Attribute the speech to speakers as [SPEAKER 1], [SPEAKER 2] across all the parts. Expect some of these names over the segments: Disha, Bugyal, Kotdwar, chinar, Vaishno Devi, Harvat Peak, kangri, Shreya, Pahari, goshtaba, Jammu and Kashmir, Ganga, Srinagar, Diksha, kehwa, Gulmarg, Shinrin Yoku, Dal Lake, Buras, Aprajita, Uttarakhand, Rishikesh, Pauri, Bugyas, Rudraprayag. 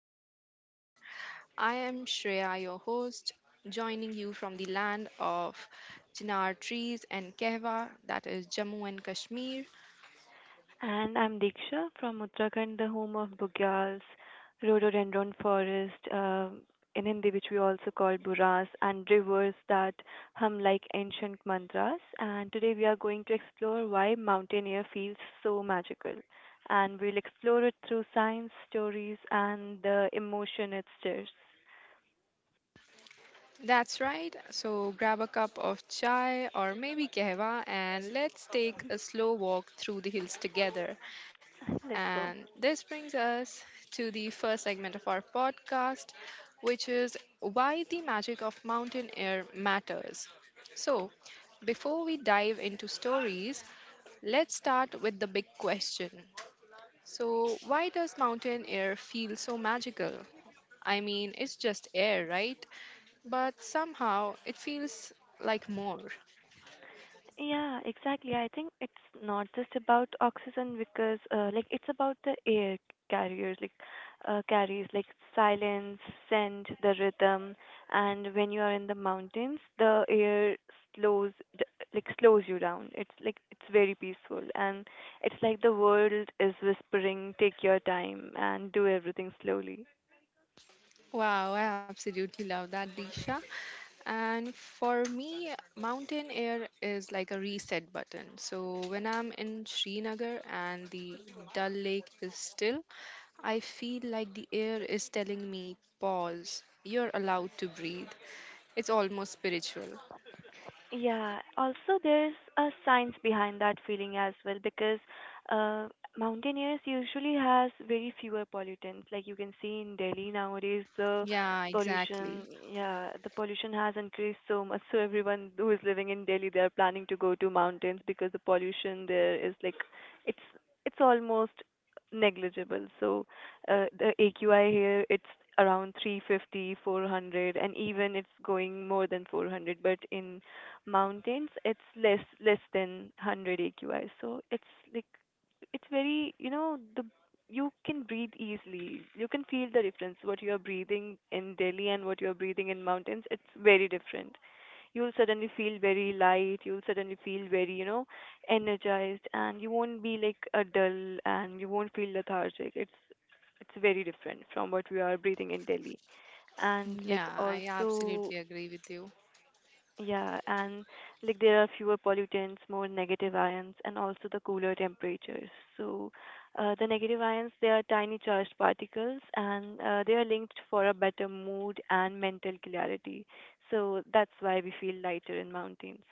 [SPEAKER 1] Mountain Air. I am Shreya, your host, joining you from the land of chinar trees and kehwa, that is Jammu and Kashmir.
[SPEAKER 2] And I'm Diksha from Uttarakhand, the home of Bugyas, rhododendron forest, in Hindi, which we also call Buras, and rivers that hum like ancient mantras. And today we are going to explore why mountain air feels so magical. And we'll explore it through science, stories, and the emotion it stirs.
[SPEAKER 1] That's right, so grab a cup of chai or maybe kehwa and let's take a slow walk through the hills together.
[SPEAKER 2] Let's go.
[SPEAKER 1] And this brings us to the first segment of our podcast, which is why the magic of mountain air matters. So, before we dive into stories, let's start with the big question. So, why does mountain air feel so magical? I mean, it's just air, right? But somehow it feels like more.
[SPEAKER 2] Yeah, exactly. I think it's not just about oxygen because, it's about the air carriers, carries like silence, scent, the rhythm, and when you are in the mountains, the air slows, d- slows you down. It's like it's very peaceful, and it's like the world is whispering, "Take your time and do everything slowly."
[SPEAKER 1] Wow, I absolutely love that, Disha. And for me, mountain air is like a reset button. So when I'm in Srinagar and the Dal Lake is still, I feel like the air is telling me, pause, you're allowed to breathe. It's almost spiritual.
[SPEAKER 2] Yeah, also there's a science behind that feeling as well because uh, mountaineers usually has very fewer pollutants. Like you can see in Delhi nowadays, the
[SPEAKER 1] Yeah, exactly.
[SPEAKER 2] pollution, yeah, the pollution has increased so much. So everyone who is living in Delhi, they are planning to go to mountains because the pollution there is like it's it's almost negligible. So the AQI here, it's around 350, 400, and even it's going more than 400. But in mountains it's less than 100 aqi, so it's like it's very, you know, the you can breathe easily, you can feel the difference what you are breathing in Delhi and what you are breathing in mountains. It's very different. You'll suddenly feel very light, you'll suddenly feel very, you know, energized, and you won't be like a dull and you won't feel lethargic. It's very different from what we are breathing in Delhi. And like
[SPEAKER 1] Yeah, I
[SPEAKER 2] also
[SPEAKER 1] absolutely agree with you.
[SPEAKER 2] yeah, and like there are fewer pollutants, more negative ions, and also the cooler temperatures. So, the negative ions, they are tiny charged particles, and they are linked for a better mood and mental clarity. So that's why we feel lighter in mountains.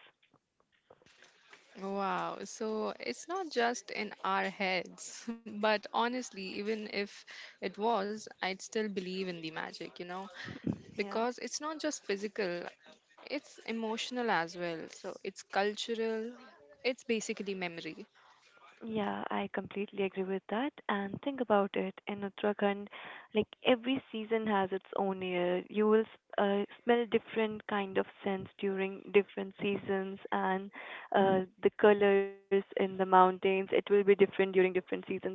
[SPEAKER 1] Wow. So it's not just in our heads, but honestly, even if it was, I'd still believe in the magic, you know?
[SPEAKER 2] Yeah.
[SPEAKER 1] Because it's not just physical, it's emotional as well. So it's cultural, it's basically memory.
[SPEAKER 2] Yeah, I completely agree with that. And think about it, in Uttarakhand, like every season has its own air. You will smell different kind of scents during different seasons, and the colors in the mountains, it will be different during different seasons. Like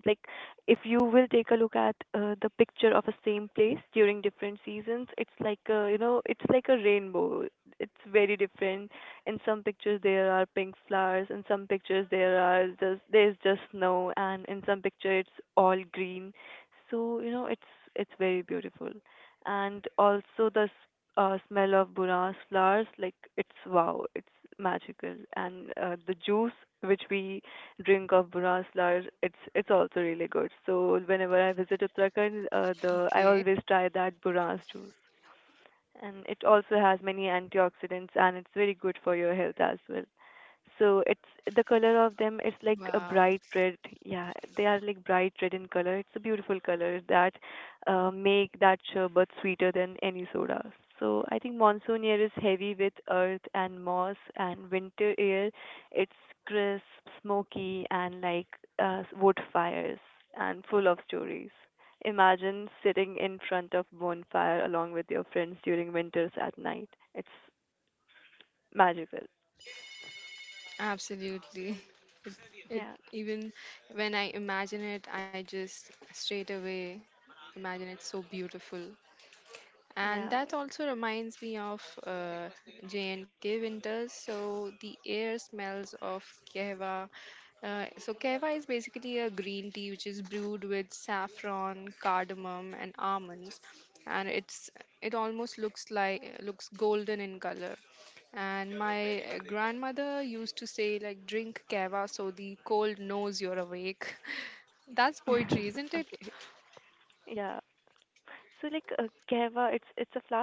[SPEAKER 2] if you will take a look at the picture of a same place during different seasons, it's like a, you know, it's like a rainbow. It's very different. In some pictures there are pink flowers, in some pictures there are just there's just snow, and in some picture it's all green. So you know, it's very beautiful, and also the smell of Bunas flowers, like it's wow, it's magical, and the juice which we drink of Bunas flowers, it's also really good. So whenever I visit Uttarakhand, the I
[SPEAKER 1] Okay.
[SPEAKER 2] always try that Bunas juice, and it also has many antioxidants and it's very good for your health as well. So it's the color of them. It's like a
[SPEAKER 1] Wow.
[SPEAKER 2] bright red. Yeah, they are like bright red in color. It's a beautiful color that make that sherbet sweeter than any soda. So I think monsoon air is heavy with earth and moss, and winter air, it's crisp, smoky, and like wood fires and full of stories. Imagine sitting in front of bonfire along with your friends during winters at night. It's magical.
[SPEAKER 1] Absolutely. It, it
[SPEAKER 2] Yeah.
[SPEAKER 1] even when I imagine it, I just straight away imagine it so beautiful. And
[SPEAKER 2] Yeah.
[SPEAKER 1] that also reminds me of J&K winters. So the air smells of kehwa. So kehwa is basically a green tea which is brewed with saffron, cardamom, and almonds, and it almost looks golden in color. And my grandmother used to say like drink kehwa so the cold knows you're awake. That's poetry, isn't
[SPEAKER 2] Okay.
[SPEAKER 1] it?
[SPEAKER 2] Yeah. So kava, it's a flower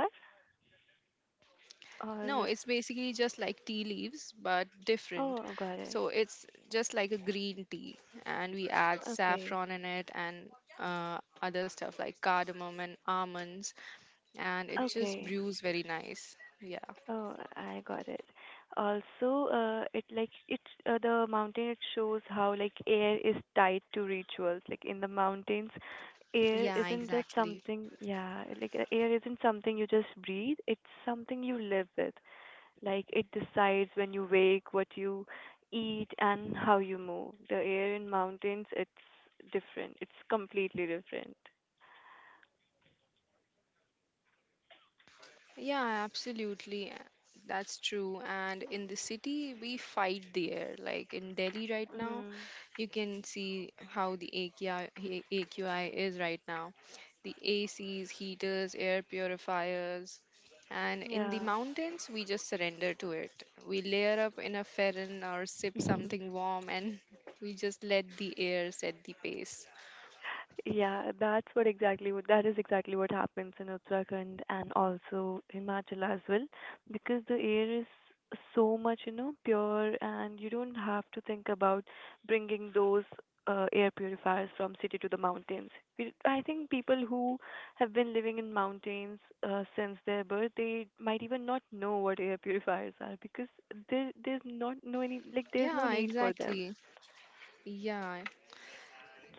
[SPEAKER 1] No,
[SPEAKER 2] or
[SPEAKER 1] it's basically just like tea leaves, but different.
[SPEAKER 2] oh, got it.
[SPEAKER 1] So it's just like a green tea, and we add
[SPEAKER 2] Okay.
[SPEAKER 1] saffron in it and other stuff like cardamom and almonds, and it just
[SPEAKER 2] Okay.
[SPEAKER 1] brews very nice. Yeah,
[SPEAKER 2] Oh, I got it. Also, it like it's the mountain. It shows how like air is tied to rituals. Like in the mountains, air
[SPEAKER 1] yeah,
[SPEAKER 2] isn't just
[SPEAKER 1] exactly.
[SPEAKER 2] something. Yeah, air isn't something you just breathe. It's something you live with. Like it decides when you wake, what you eat, and how you move. The air in mountains, it's different. It's completely different.
[SPEAKER 1] Yeah, absolutely. That's true. And in the city, we fight the air. Like in Delhi right now,
[SPEAKER 2] Mhm.
[SPEAKER 1] you can see how the AQI is right now. The ACs, heaters, air purifiers. And in the
[SPEAKER 2] Yeah.
[SPEAKER 1] mountains, we just surrender to it. We layer up in a ferron or sip something warm and we just let the air set the pace.
[SPEAKER 2] Yeah, that is exactly what happens in Uttarakhand and also Himachal as well, because the air is so much, you know, pure, and you don't have to think about bringing those air purifiers from city to the mountains. We, I think people who have been living in mountains since their birth, they might even not know what air purifiers are because there there's not no any like there's no
[SPEAKER 1] Yeah,
[SPEAKER 2] need for them.
[SPEAKER 1] exactly. Yeah,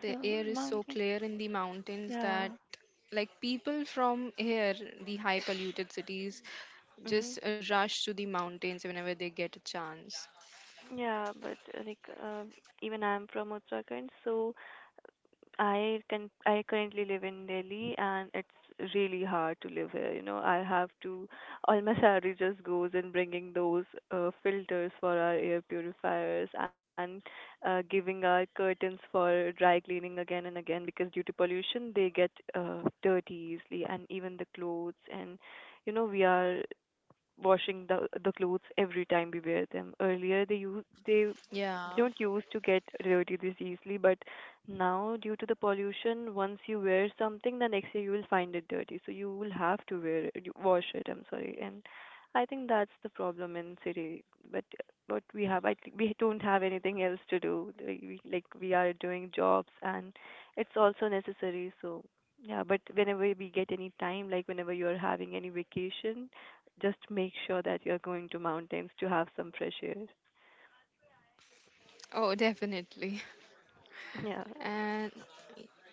[SPEAKER 1] the
[SPEAKER 2] So
[SPEAKER 1] air is so
[SPEAKER 2] mountain,
[SPEAKER 1] clear in the mountains
[SPEAKER 2] yeah.
[SPEAKER 1] that, like, people from here, the high polluted cities,
[SPEAKER 2] Mm-hmm.
[SPEAKER 1] just rush to the mountains whenever they get a chance.
[SPEAKER 2] Yeah, but even I'm from Uttarakhand, so I currently live in Delhi, and it's really hard to live here. You know, I have to, all my salary just goes in bringing those filters for our air purifiers and giving our curtains for dry cleaning again and again because due to pollution they get dirty easily, and even the clothes, and you know we are washing the clothes every time we wear them. Earlier they
[SPEAKER 1] Yeah.
[SPEAKER 2] don't use to get dirty this easily, but now due to the pollution, once you wear something, the next day you will find it dirty. So you will have to wear it, wash it. I'm sorry, and I think that's the problem in city. But what we have, I think we don't have anything else to do. Like we are doing jobs, and it's also necessary. So yeah, but whenever we get any time, like whenever you are having any vacation, just make sure that you're going to mountains to have some fresh air.
[SPEAKER 1] Oh, definitely.
[SPEAKER 2] Yeah,
[SPEAKER 1] And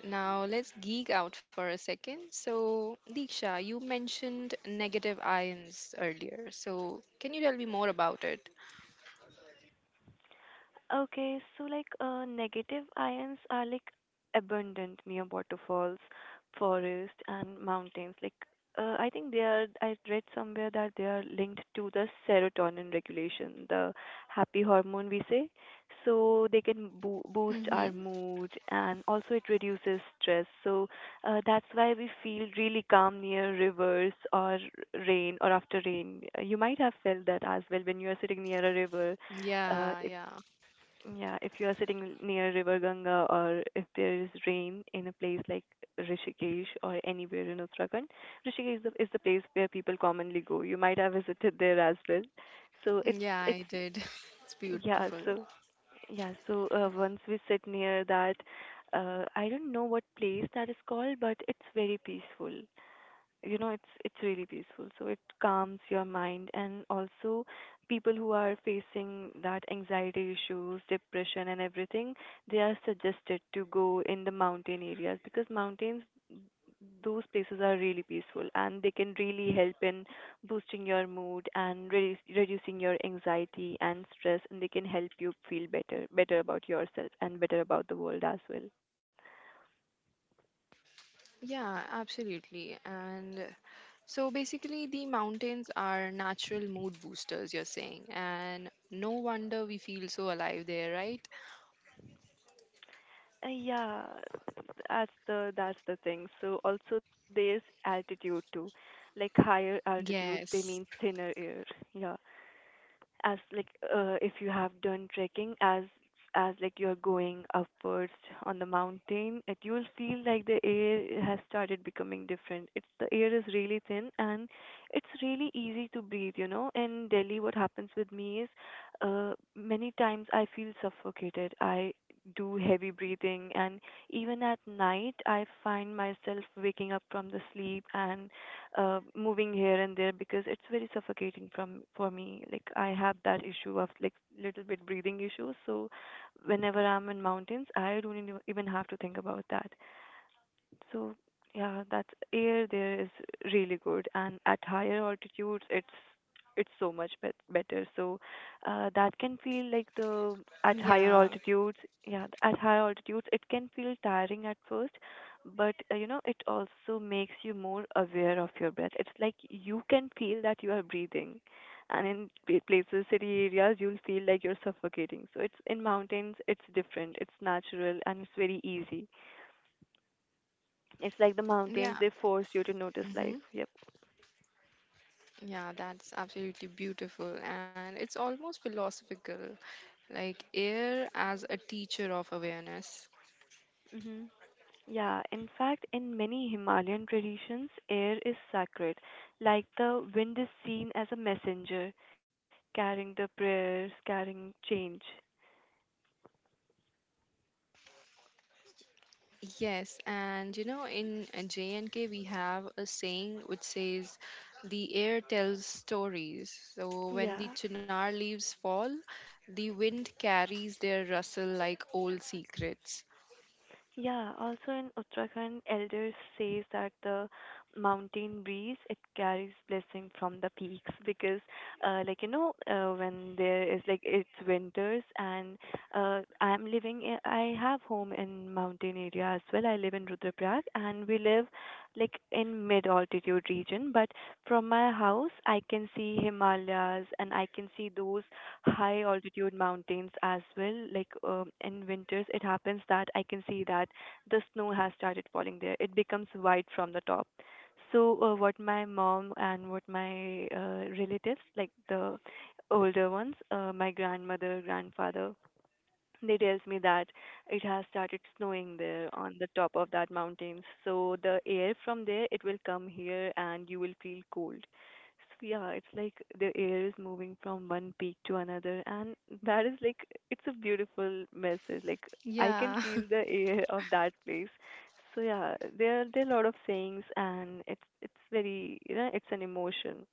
[SPEAKER 1] now let's geek out for a second. So, Diksha, you mentioned negative ions earlier. So, can you tell me more about it?
[SPEAKER 2] okay, so negative ions are like abundant near waterfalls, forest, and mountains. Like I think they are. I read somewhere that they are linked to the serotonin regulation, the happy hormone we say. So they can boost our
[SPEAKER 1] Mm-hmm.
[SPEAKER 2] mood, and also it reduces stress. So that's why we feel really calm near rivers or rain or after rain. You might have felt that as well when you are sitting near a river, it
[SPEAKER 1] Yeah, yeah.
[SPEAKER 2] yeah, if you are sitting near River Ganga or if there is rain in a place like Rishikesh or anywhere in Uttarakhand, Rishikesh is the place where people commonly go. You might have visited there as well. So
[SPEAKER 1] Yeah,
[SPEAKER 2] it's
[SPEAKER 1] I did. It's
[SPEAKER 2] yeah.
[SPEAKER 1] beautiful.
[SPEAKER 2] So yeah. So once we sit near that, I don't know what place that is called, but it's very peaceful, you know, it's really peaceful, so it calms your mind, and also people who are facing that anxiety issues, depression and everything, they are suggested to go in the mountain areas because mountains, those places are really peaceful and they can really help in boosting your mood and reducing your anxiety and stress, and they can help you feel better about yourself and better about the world as well.
[SPEAKER 1] Yeah, absolutely. And so basically, the mountains are natural mood boosters, you're saying, and no wonder we feel so alive there, right?
[SPEAKER 2] Yeah, that's the thing. So also there's altitude too. Like higher altitudes, they mean
[SPEAKER 1] Yes.
[SPEAKER 2] thinner air. Yeah, as like if you have done trekking, as like you're going upwards on the mountain, it you'll feel like the air has started becoming different. It's the air is really thin and it's really easy to breathe. You know, in Delhi what happens with me is, many times I feel suffocated, I do heavy breathing, and even at night I find myself waking up from the sleep and moving here and there because it's very suffocating from for me. Like I have that issue of like little bit breathing issue. So whenever I'm in mountains, I don't even have to think about that. So yeah, that air there is really good, and at higher altitudes, it's so much bet better. So that can feel like the at higher
[SPEAKER 1] Yeah.
[SPEAKER 2] altitudes, yeah, at higher altitudes, it can feel tiring at first, but you know, it also makes you more aware of your breath. It's like you can feel that you are breathing. And in places, city areas, you'll feel like you're suffocating. So it's in mountains, it's different, it's natural, and it's very easy. It's like the mountains, they
[SPEAKER 1] Yeah.
[SPEAKER 2] force you to notice life.
[SPEAKER 1] Hmm.
[SPEAKER 2] Yep.
[SPEAKER 1] Yeah, that's absolutely beautiful. And it's almost philosophical, like air as a teacher of awareness.
[SPEAKER 2] hmm Yeah, in fact, in many Himalayan traditions, air is sacred. Like the wind is seen as a messenger, carrying the prayers, carrying change.
[SPEAKER 1] Yes, and you know, in J&K, we have a saying which says, the air tells stories. So when the
[SPEAKER 2] Yeah.
[SPEAKER 1] chinar leaves fall, the wind carries their rustle like old secrets.
[SPEAKER 2] Yeah, also in Uttarakhand, elders says that the mountain breeze it carries blessing from the peaks because, when there is like it's winters, and I have home in mountain area as well. I live in Rudraprayag and we live like in mid altitude region, but from my house I can see Himalayas and I can see those high altitude mountains as well. Like in winters, it happens that I can see that the snow has started falling there. It becomes white from the top. So what my mom and what my relatives, like the older ones, my grandmother, grandfather, they tells me that it has started snowing there on the top of that mountain. So the air from there it will come here and you will feel cold. So yeah, it's like the air is moving from one peak to another and that is like it's a beautiful message. Like I can
[SPEAKER 1] Yeah,
[SPEAKER 2] feel the air of that place. So yeah, there are a lot of sayings and it's very it's an emotion.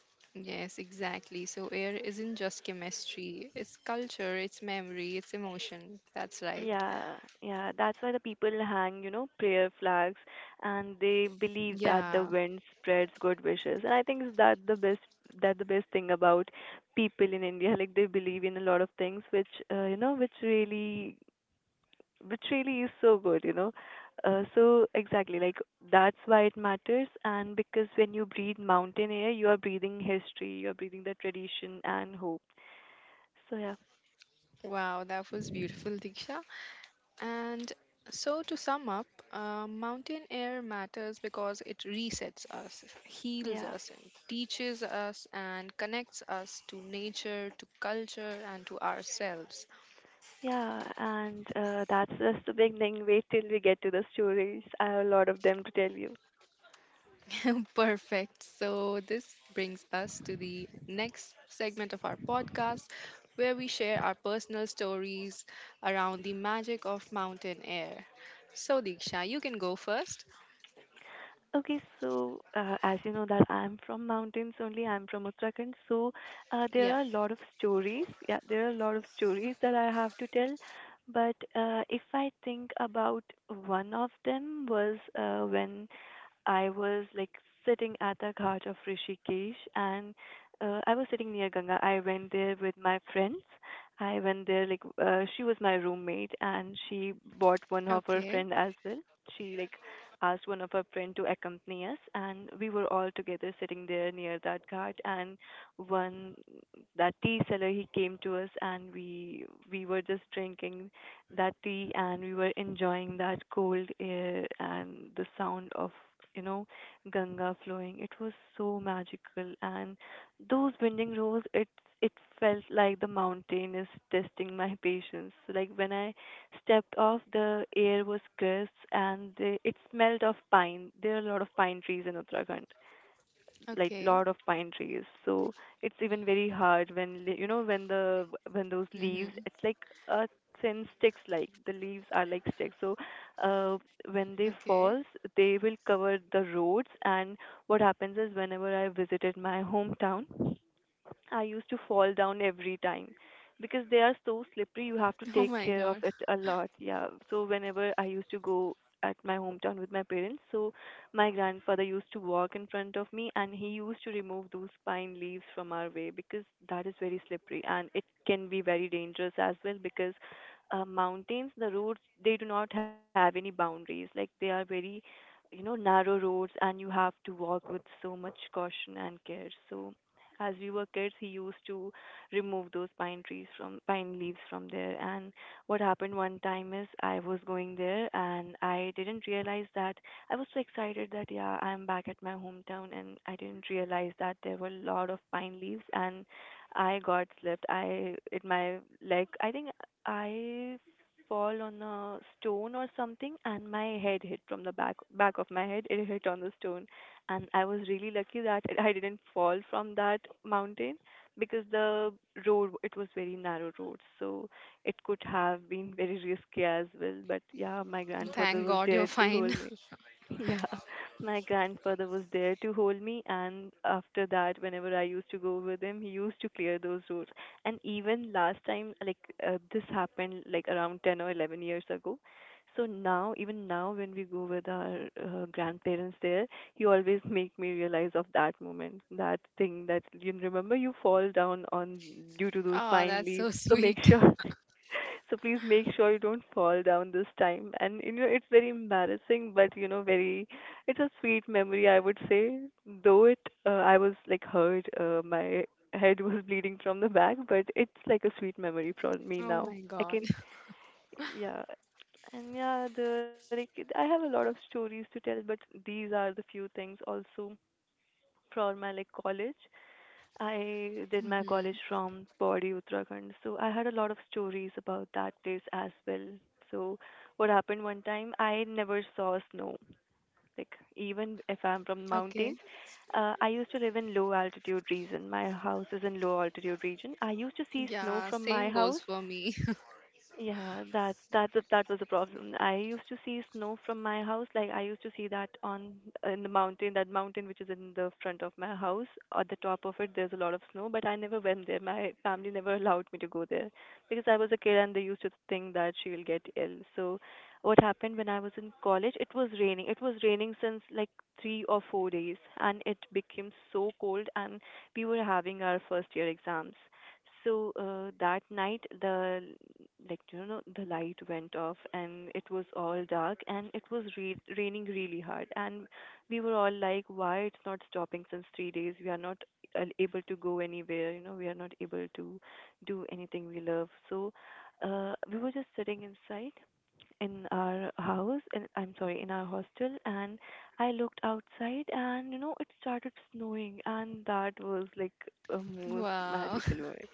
[SPEAKER 1] yes, exactly. So air isn't just chemistry, it's culture, it's memory, it's emotion. That's right.
[SPEAKER 2] Yeah, yeah, that's why the people hang, prayer flags and they believe that the
[SPEAKER 1] Yeah.
[SPEAKER 2] wind spreads good wishes. And I think is that the best thing about people in India, like they believe in a lot of things which really is so good. So exactly, like that's why it matters and because when you breathe mountain air, you are breathing history, you are breathing the tradition and hope. So yeah,
[SPEAKER 1] Wow, that was beautiful, Diksha. And so, to sum up, mountain air matters because it resets us, heals
[SPEAKER 2] yeah.
[SPEAKER 1] us, and teaches us, and connects us to nature, to culture, and to ourselves.
[SPEAKER 2] Yeah, and that's just the beginning. Wait till we get to the stories. I have a lot of them to tell you.
[SPEAKER 1] Perfect. So, this brings us to the next segment of our podcast where we share our personal stories around the magic of mountain air. So, Diksha, you can go first.
[SPEAKER 2] Okay, so as you know that I'm from mountains only. I'm from Uttarakhand, so there
[SPEAKER 1] Yeah.
[SPEAKER 2] are a lot of stories. Yeah, there are a lot of stories that I have to tell. But if I think about one of them was when I was like sitting at the ghat of Rishikesh and I was sitting near Ganga. I went there with my friends. I went there like she was my roommate and she bought one of her
[SPEAKER 1] Okay.
[SPEAKER 2] friend as well. She like asked one of her friend to accompany us and we were all together sitting there near that ghat and one that tea seller he came to us and we were just drinking that tea and we were enjoying that cold air and the sound of you know ganga flowing it was so magical and those bending rows it felt like the mountain is testing my patience. So, like when I stepped off the air was crisp and it smelled of pine, there are a lot of pine trees in Uttarakhand, like
[SPEAKER 1] Okay.
[SPEAKER 2] lot of pine trees, so it's even very hard when you know when the when those leaves
[SPEAKER 1] Mm-hmm.
[SPEAKER 2] it's like a thin sticks, like the leaves are like sticks. So uh, when they
[SPEAKER 1] Okay.
[SPEAKER 2] falls they will cover the roads, and what happens is whenever I visited my hometown I used to fall down every time because they are so slippery. You have to
[SPEAKER 1] Oh
[SPEAKER 2] take
[SPEAKER 1] my
[SPEAKER 2] care of
[SPEAKER 1] god.
[SPEAKER 2] it a lot. Yeah. So whenever I used to go at my hometown with my parents, so my grandfather used to walk in front of me and he used to remove those pine leaves from our way because that is very slippery and it can be very dangerous as well, because mountains, the roads, they do not have any boundaries. Like they are very you know narrow roads and you have to walk with so much caution and care. So as we were kids, he used to remove those pine trees from pine leaves from there. And what happened one time is I was going there and I didn't realize that I was so excited that yeah, I'm back at my hometown, and I didn't realize that there were a lot of pine leaves and I got slipped. I it my leg I think I fall on a stone or something, and my head hit from the back of my head, it hit on the stone, and I was really lucky that I didn't fall from that mountain because the road it was very narrow road, so it could have been very risky as well. But yeah, my grandfather
[SPEAKER 1] Thank
[SPEAKER 2] was
[SPEAKER 1] god you're
[SPEAKER 2] there to
[SPEAKER 1] fine.
[SPEAKER 2] hold me. Yeah, my grandfather was there to hold me, and after that whenever I used to go with him he used to clear those roads. And even last time, like, this happened like around 10 or 11 years ago, so now, even now when we go with our grandparents there, you always make me realize of that moment, that thing that you remember you fall down on due to those
[SPEAKER 1] Oh,
[SPEAKER 2] pine
[SPEAKER 1] that's
[SPEAKER 2] leaves.
[SPEAKER 1] so
[SPEAKER 2] So make
[SPEAKER 1] sweet.
[SPEAKER 2] sure so please make sure you don't fall down this time. And you know, it's very embarrassing, but you know, very it's a sweet memory, I would say. Though it, I was like hurt, my head was bleeding from the back, but it's like a sweet memory for me
[SPEAKER 1] Oh
[SPEAKER 2] now.
[SPEAKER 1] my
[SPEAKER 2] I
[SPEAKER 1] god.
[SPEAKER 2] can Yeah. And yeah, the like I have a lot of stories to tell, but these are the few things also for my like college. I did my
[SPEAKER 1] Hmm.
[SPEAKER 2] college from Pauri, Uttarakhand, so I had a lot of stories about that place as well. So what happened one time, I never saw snow. Like even if I'm from
[SPEAKER 1] Okay.
[SPEAKER 2] mountains, I used to live in low altitude region. My house is in low altitude region. I used to see snow
[SPEAKER 1] Yeah,
[SPEAKER 2] from
[SPEAKER 1] same
[SPEAKER 2] my
[SPEAKER 1] goes
[SPEAKER 2] house.
[SPEAKER 1] for me.
[SPEAKER 2] Yeah, that was a problem. I used to see snow from my house. Like I used to see that on in the mountain, that mountain which is in the front of my house. At the top of it, there's a lot of snow, but I never went there. My family never allowed me to go there because I was a kid and they used to think that she will get ill. So, what happened when I was in college? It was raining. It was raining since like 3 or 4 days, and it became so cold. And we were having our first year exams, so that night, the like you know the light went off and it was all dark and it was raining really hard, and we were all like, why it's not stopping since 3 days? We are not able to go anywhere. You know, we are not able to do anything we love. So we were just sitting inside in our house, and I'm sorry, in our hostel, and I looked outside and you know it started snowing, and that was like a most
[SPEAKER 1] Wow.
[SPEAKER 2] magical moment.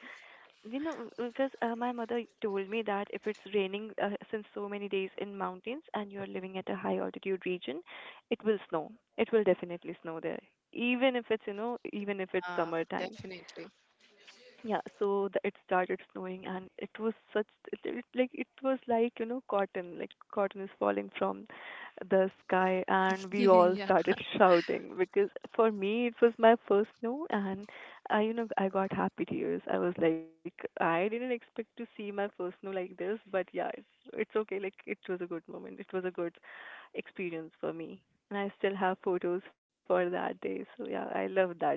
[SPEAKER 2] You know, because my mother told me that if it's raining since so many days in mountains and you're living at a high altitude region, it will snow. It will definitely snow there, even if it's, you know, even if it's
[SPEAKER 1] Ah,
[SPEAKER 2] summertime.
[SPEAKER 1] definitely.
[SPEAKER 2] Yeah, so it started snowing and it was such like it was like you know cotton, like cotton is falling from the sky, and we all
[SPEAKER 1] Yeah.
[SPEAKER 2] started shouting because for me it was my first snow, and I you know I got happy tears. I was like I didn't expect to see my first snow like this, but yeah, it's okay. Like it was a good moment. It was a good experience for me, and I still have photos for that day. So yeah, I love that day.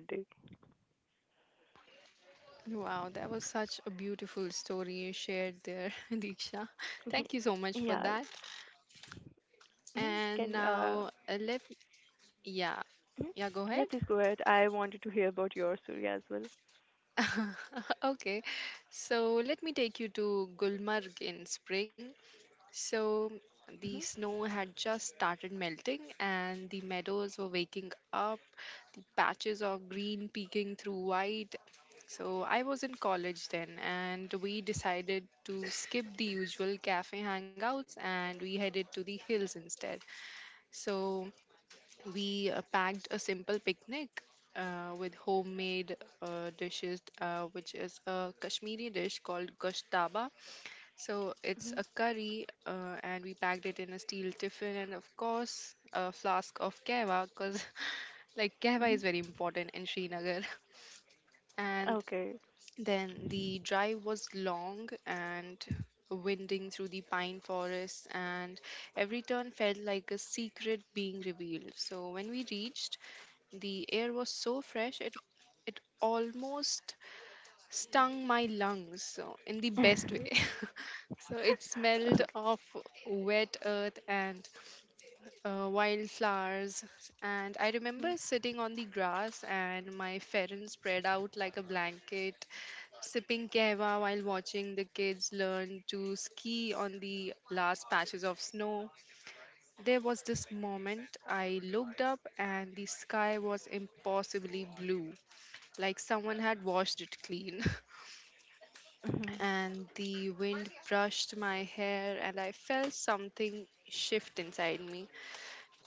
[SPEAKER 1] Wow, that was such a beautiful story you shared there, Diksha. Thank you so much for
[SPEAKER 2] Yeah.
[SPEAKER 1] that.
[SPEAKER 2] Mhm.
[SPEAKER 1] And
[SPEAKER 2] Can uh
[SPEAKER 1] now, let yeah,
[SPEAKER 2] Hmm?
[SPEAKER 1] yeah, go
[SPEAKER 2] Yeah,
[SPEAKER 1] ahead.
[SPEAKER 2] please go ahead. I wanted to hear about your story as well.
[SPEAKER 1] Okay, so let me take you to Gulmarg in spring. So the snow had just started melting and the meadows were waking up, the patches of green peeking through white. So I was in college then and we decided to skip the usual cafe hangouts and we headed to the hills instead. So we packed a simple picnic with homemade dishes, which is a Kashmiri dish called goshtaba. So it's
[SPEAKER 2] Mm-hmm.
[SPEAKER 1] a curry, and we packed it in a steel tiffin, and of course, a flask of kava, because like kava
[SPEAKER 2] Mm-hmm.
[SPEAKER 1] is very important in Srinagar. And
[SPEAKER 2] Okay.
[SPEAKER 1] then the drive was long and winding through the pine forests, and every turn felt like a secret being revealed. So when we reached, the air was so fresh it almost stung my lungs. So in the best way. So it smelled
[SPEAKER 2] Okay.
[SPEAKER 1] of wet earth and wildflowers. And I remember sitting on the grass, and my parents spread out like a blanket, sipping kava while watching the kids learn to ski on the last patches of snow. There was this moment I looked up, and the sky was impossibly blue, like someone had washed it clean.
[SPEAKER 2] Mm-hmm.
[SPEAKER 1] And the wind brushed my hair and I felt something shift inside me.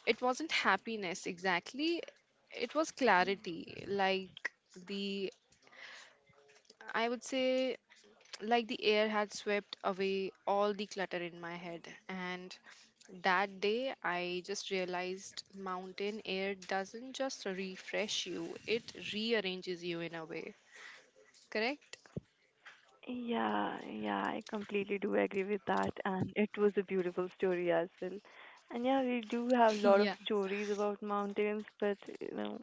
[SPEAKER 1] It wasn't happiness exactly, it was clarity. Like the I would say like the air had swept away all the clutter in my head. And that day I just realized mountain air doesn't just refresh you, it rearranges you in a way. Correct.
[SPEAKER 2] Yeah, yeah, I completely do agree with that. And it was a beautiful story as well. And yeah, we do have a
[SPEAKER 1] Yeah.
[SPEAKER 2] lot of stories about mountains, but you know,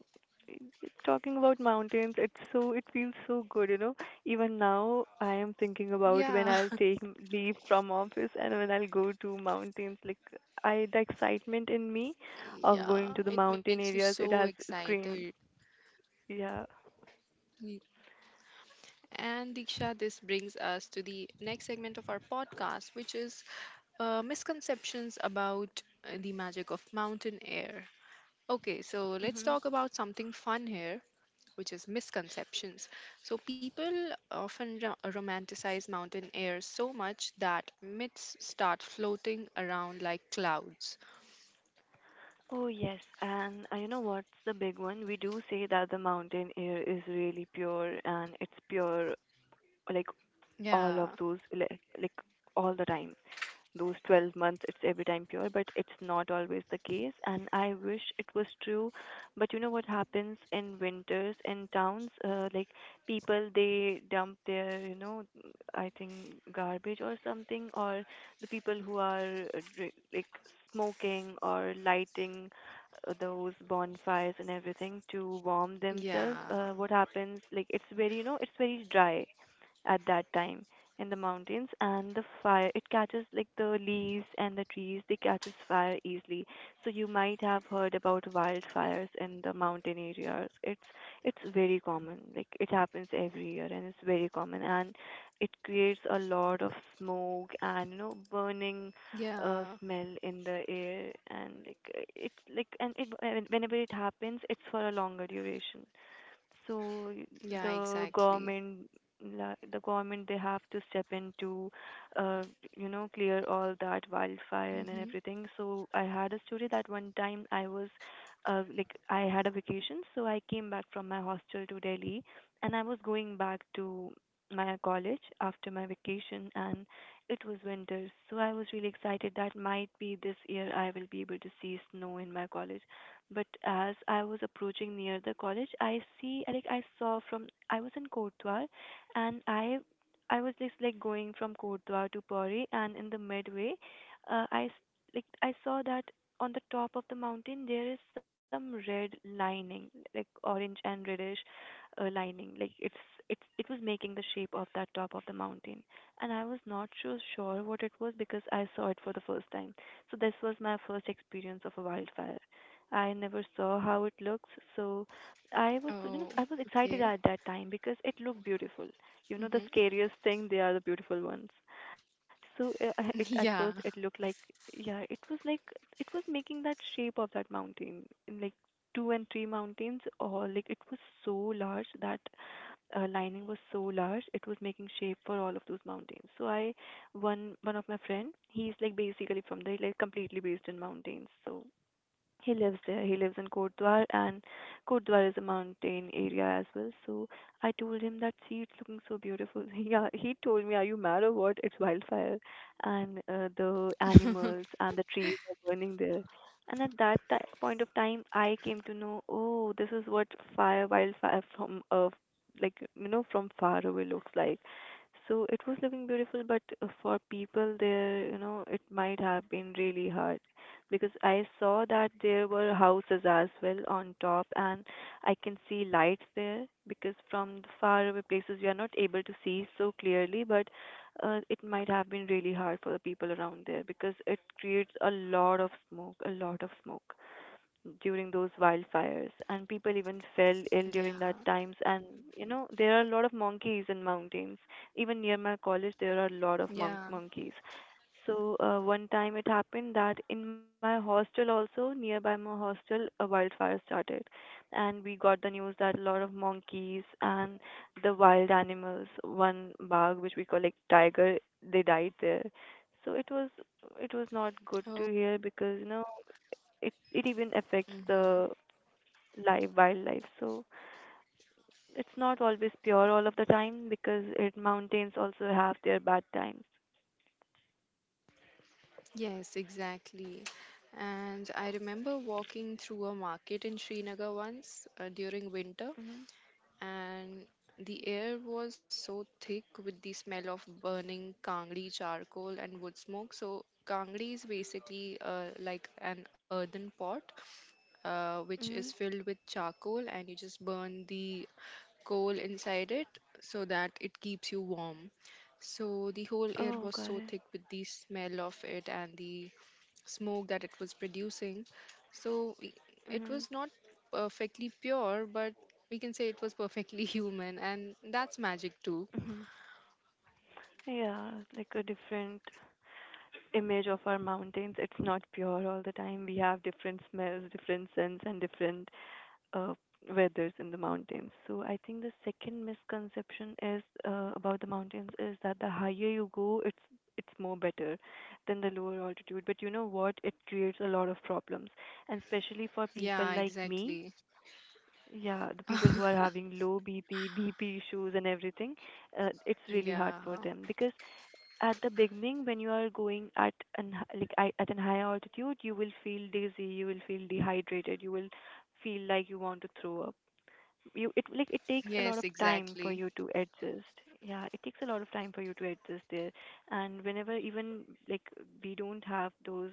[SPEAKER 2] talking about mountains, it's so it feels so good, you know. Even now, I am thinking about
[SPEAKER 1] Yeah.
[SPEAKER 2] when I'll take leave from office and when I'll go to mountains. Like I, the excitement in me of going
[SPEAKER 1] Yeah,
[SPEAKER 2] to the
[SPEAKER 1] it
[SPEAKER 2] mountain
[SPEAKER 1] makes you
[SPEAKER 2] areas,
[SPEAKER 1] so
[SPEAKER 2] it has
[SPEAKER 1] excited.
[SPEAKER 2] screamed. Yeah.
[SPEAKER 1] Y- and Diksha, this brings us to the next segment of our podcast, which is misconceptions about the magic of mountain air. Okay, so let's talk about something fun here, which is misconceptions. So, people often romanticize mountain air so much that myths start floating around like clouds.
[SPEAKER 2] Oh, yes. And you know what's the big one? We do say that the mountain air is really pure and it's pure, like all
[SPEAKER 1] Yeah,
[SPEAKER 2] of those like, all the time those 12 months it's every time pure, but it's not always the case, and I wish it was true, but you know what happens in winters in towns, like people they dump their you know I think garbage or something, or the people who are like smoking or lighting those bonfires and everything to warm themselves,
[SPEAKER 1] yeah,
[SPEAKER 2] what happens like it's very you know it's very dry at that time in the mountains, and the fire it catches, like the leaves and the trees they catches fire easily. So you might have heard about wildfires in the mountain areas, it's very common, like it happens every year and it's very common, and it creates a lot of smoke and you know burning
[SPEAKER 1] yeah,
[SPEAKER 2] smell in the air, and like it's like and it whenever it happens it's for a longer duration. So
[SPEAKER 1] yeah,
[SPEAKER 2] the
[SPEAKER 1] exactly.
[SPEAKER 2] government, the government, they have to step in to, uh, you know, clear all that wildfire and
[SPEAKER 1] Hmm.
[SPEAKER 2] everything. So I had a story that one time I was, like I had a vacation, so I came back from my hostel to Delhi, and I was going back to my college after my vacation, and it was winter, so I was really excited that might be this year I will be able to see snow in my college. But as I was approaching near the college, I see like I saw from I was in Kotdwar, and I was just like going from Kotdwar to Pori, and in the midway, like I saw that on the top of the mountain there is some red lining, like orange and reddish lining. Like it was making the shape of that top of the mountain, and I was not so sure what it was because I saw it for the first time. So this was my first experience of a wildfire. I never saw how it looks. So I was, you
[SPEAKER 1] Oh,
[SPEAKER 2] know, I was
[SPEAKER 1] okay.
[SPEAKER 2] excited at that time because it looked beautiful. You know,
[SPEAKER 1] Hmm.
[SPEAKER 2] the scariest thing, they are the beautiful ones. So at first
[SPEAKER 1] Yeah.
[SPEAKER 2] it looked like, yeah, it was like, it was making that shape of that mountain in like two and three mountains, or like it was so large that lining was so large, it was making shape for all of those mountains. So I one of my friend, he's like basically from there, like completely based in mountains. So he lives there. He lives in Kotdwar, and Kotdwar is a mountain area as well. So I told him that, see, it's looking so beautiful. Yeah, he told me, "Are you mad or what? It's wildfire, and the animals and the trees are burning there." And at that point of time, I came to know, oh, this is what fire, wildfire from far away looks like. So it was looking beautiful, but for people there, it might have been really hard. Because I saw that there were houses as well on top, and I can see lights there. Because from the far away places, we are not able to see so clearly, but it might have been really hard for the people around there because it creates a lot of smoke, a lot of smoke during those wildfires, and people even fell ill during that
[SPEAKER 1] Yeah,
[SPEAKER 2] times. And there are a lot of monkeys in mountains, even near my college there are a lot of
[SPEAKER 1] yeah.
[SPEAKER 2] monkeys. So one time it happened that in my hostel, also nearby my hostel, a wildfire started, and we got the news that a lot of monkeys and the wild animals, one bag which we call like tiger, they died there. So it was not good
[SPEAKER 1] Oh.
[SPEAKER 2] to hear, because it even affects
[SPEAKER 1] Mm-hmm.
[SPEAKER 2] the live wildlife. So it's not always pure all of the time, because it mountains also have their bad times.
[SPEAKER 1] Yes, exactly. And I remember walking through a market in Srinagar once during winter,
[SPEAKER 2] Mhm.
[SPEAKER 1] and the air was so thick with the smell of burning kangri charcoal and wood smoke. So, kangri is basically like an earthen pot which is
[SPEAKER 2] Mhm.
[SPEAKER 1] filled with charcoal, and you just burn the coal inside it so that it keeps you warm. So the whole air
[SPEAKER 2] Oh,
[SPEAKER 1] was
[SPEAKER 2] got
[SPEAKER 1] so
[SPEAKER 2] it.
[SPEAKER 1] thick with the smell of it and the smoke that it was producing. So it
[SPEAKER 2] Mhm.
[SPEAKER 1] was not perfectly pure, but we can say it was perfectly human, and that's magic too.
[SPEAKER 2] Mhm. Yeah, like a different image of our mountains, it's not pure all the time. We have different smells, different scents, and different uh, weathers in the mountains. So I think the second misconception is about the mountains is that the higher you go, it's more better than the lower altitude. But you know what? It creates a lot of problems, and especially for people
[SPEAKER 1] Yeah,
[SPEAKER 2] like me.
[SPEAKER 1] exactly.
[SPEAKER 2] Yeah, the people who are having low BP, BP issues and everything, it's really hard
[SPEAKER 1] Yeah.
[SPEAKER 2] for them because at the beginning when you are going at an at an high altitude, you will feel dizzy, you will feel dehydrated, you will feel like you want to throw up. You it like It takes a lot of
[SPEAKER 1] Yes,
[SPEAKER 2] time for
[SPEAKER 1] exactly.
[SPEAKER 2] you to adjust. Yeah, it takes a lot of time for you to adjust there. And whenever, even, like we don't have those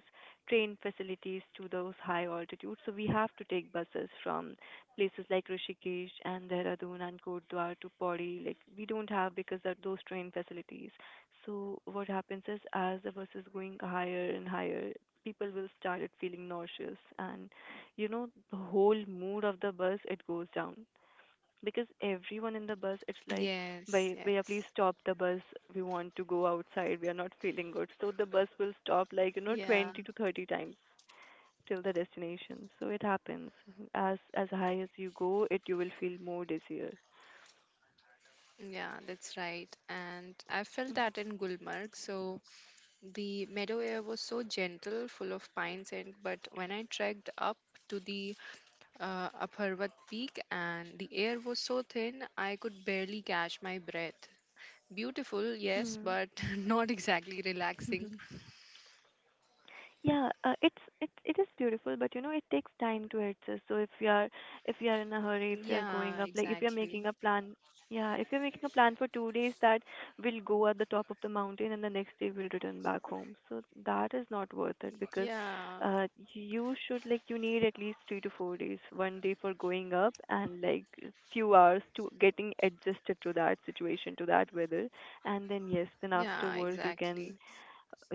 [SPEAKER 2] train facilities to those high altitudes, so we have to take buses from places like Rishikesh and Dehradun and Kotdwar to Pori. Like we don't have, because of those train facilities, so what happens is as the bus is going higher and higher, people will started feeling nauseous, and the whole mood of the bus, it goes down, because everyone in the bus, it's like,
[SPEAKER 1] Yes,
[SPEAKER 2] Bhaiya, please
[SPEAKER 1] yes.
[SPEAKER 2] stop the bus, we want to go outside, we are not feeling good." So the bus will stop like
[SPEAKER 1] Yeah,
[SPEAKER 2] 20 to 30 times till the destination. So it happens, as high as you go, it you will feel more dizzier.
[SPEAKER 1] yeah, that's right. And I felt that in Gulmarg. So the meadow air was so gentle, full of pine scent. But when I trekked up to the up Harvat Peak, and the air was so thin I could barely catch my breath. Beautiful, yes,
[SPEAKER 2] Mm.
[SPEAKER 1] but not exactly relaxing.
[SPEAKER 2] Yeah, it is beautiful, but it takes time to adjust. So if you are in a hurry, if you are going
[SPEAKER 1] Yeah,
[SPEAKER 2] up, like if you are
[SPEAKER 1] exactly.
[SPEAKER 2] making a plan, yeah, if you're making a plan for 2 days that we'll go at the top of the mountain and the next day we'll return back home. So that is not worth it, because
[SPEAKER 1] Yeah,
[SPEAKER 2] uh you should like you need at least 3 to 4 days, one day for going up, and like few hours to getting adjusted to that situation, to that weather, and then yes, then
[SPEAKER 1] yeah,
[SPEAKER 2] afterwards you can
[SPEAKER 1] exactly.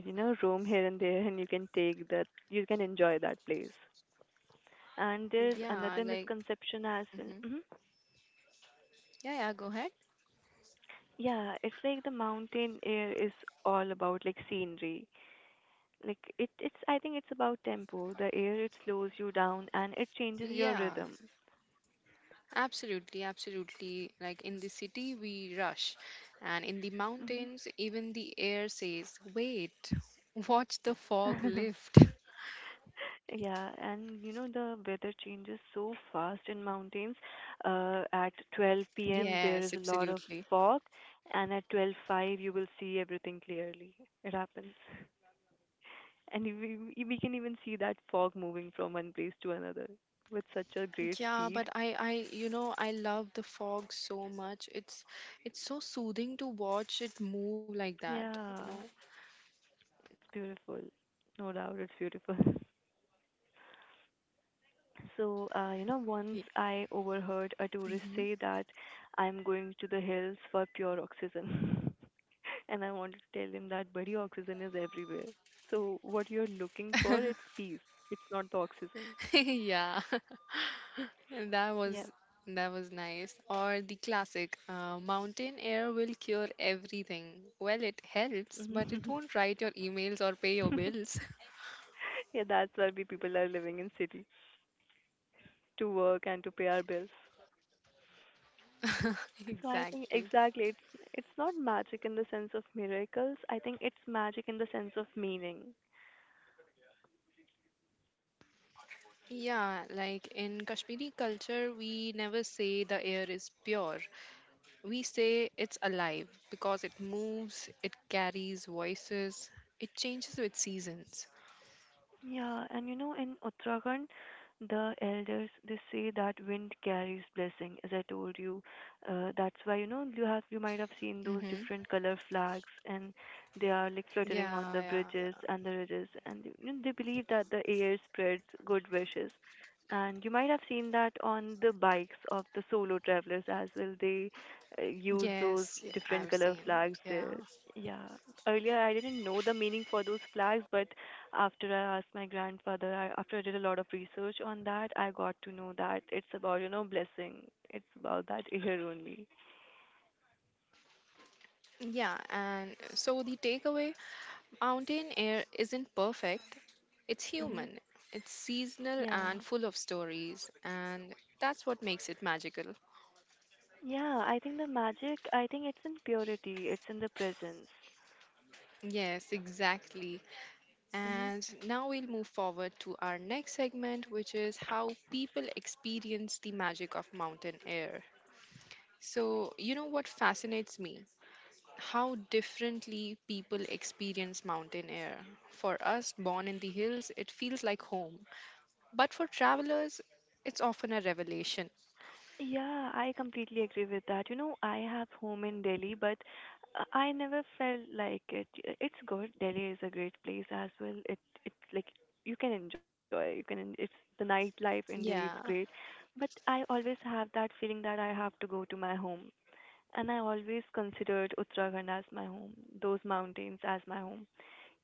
[SPEAKER 2] roam here and there, and you can take that, you can enjoy that place. And there's
[SPEAKER 1] Yeah,
[SPEAKER 2] another
[SPEAKER 1] like,
[SPEAKER 2] misconception as well.
[SPEAKER 1] mhm.
[SPEAKER 2] Hmm.
[SPEAKER 1] Yeah, yeah, go ahead.
[SPEAKER 2] Yeah, it's like the mountain air is all about like scenery. Like it's, I think it's about tempo. The air, it slows you down and it changes your
[SPEAKER 1] Yeah,
[SPEAKER 2] rhythm.
[SPEAKER 1] absolutely, absolutely. Like in the city, we rush, and in the mountains, even the air says, wait, watch the fog
[SPEAKER 2] Hmm.
[SPEAKER 1] lift.
[SPEAKER 2] Yeah, and the weather changes so fast in mountains. At 12 p.m.
[SPEAKER 1] Yes,
[SPEAKER 2] there is a lot of
[SPEAKER 1] absolutely.
[SPEAKER 2] fog, and at twelve five you will see everything clearly. It happens, and we can even see that fog moving from one place to another with such a great
[SPEAKER 1] Yeah,
[SPEAKER 2] speed.
[SPEAKER 1] but you know, I love the fog so much. It's so soothing to watch it move like that, you know.
[SPEAKER 2] Yeah, it's beautiful. No doubt, it's beautiful. So, once
[SPEAKER 1] Y-
[SPEAKER 2] I overheard a tourist
[SPEAKER 1] mhm.
[SPEAKER 2] say that I'm going to the hills for pure oxygen. And I wanted to tell him that, buddy, oxygen is everywhere. So what you're looking for, it's peace. It's not the oxygen.
[SPEAKER 1] Yeah, and that
[SPEAKER 2] Yeah.
[SPEAKER 1] was that was nice. Or the classic, mountain air will cure everything. Well, it helps, but it won't write your emails or pay your bills.
[SPEAKER 2] Yeah, that's why we people are living in city, to work and to pay our bills. So I think
[SPEAKER 1] Exactly.
[SPEAKER 2] exactly it's not magic in the sense of miracles. I think it's magic in the sense of meaning.
[SPEAKER 1] Yeah, like in Kashmiri culture, we never say the air is pure. We say it's alive because it moves, it carries voices, it changes with seasons.
[SPEAKER 2] Yeah, and in Uttarakhand, the elders they say that wind carries blessing, as I told you. That's why you might have seen those
[SPEAKER 1] Mm-hmm.
[SPEAKER 2] different color flags, and they are like fluttering on
[SPEAKER 1] Yeah,
[SPEAKER 2] the
[SPEAKER 1] yeah,
[SPEAKER 2] bridges
[SPEAKER 1] yeah.
[SPEAKER 2] and the ridges, and they believe that the air spreads good wishes. And you might have seen that on the bikes of the solo travelers as well. They use those
[SPEAKER 1] Yes, yeah,
[SPEAKER 2] different
[SPEAKER 1] I've
[SPEAKER 2] color
[SPEAKER 1] seen
[SPEAKER 2] flags
[SPEAKER 1] it. Yeah.
[SPEAKER 2] there. Yeah, earlier I didn't know the meaning for those flags, but after I asked my grandfather, after I did a lot of research on that, I got to know that it's about blessing. It's about that here only.
[SPEAKER 1] Yeah, and so the takeaway, mountain air isn't perfect, it's
[SPEAKER 2] Hmm.
[SPEAKER 1] human, it's seasonal
[SPEAKER 2] Yeah.
[SPEAKER 1] and full of stories, and that's what makes it magical.
[SPEAKER 2] Yeah, I think the magic, I think it's in purity, it's in the presence.
[SPEAKER 1] Yes, exactly.
[SPEAKER 2] Hmm.
[SPEAKER 1] And now we'll move forward to our next segment, which is how people experience the magic of mountain air. So, you know what fascinates me? How differently people experience mountain air. For us, born in the hills, it feels like home. But for travelers, it's often a revelation.
[SPEAKER 2] Yeah, I completely agree with that. You know, I have home in Delhi, but I never felt like it. It's good. Delhi is a great place as well. It's like you can enjoy. You can. It's the nightlife in Delhi. It's
[SPEAKER 1] Yeah,
[SPEAKER 2] great, but I always have that feeling that I have to go to my home, and I always considered Uttarakhand as my home, those mountains as my home.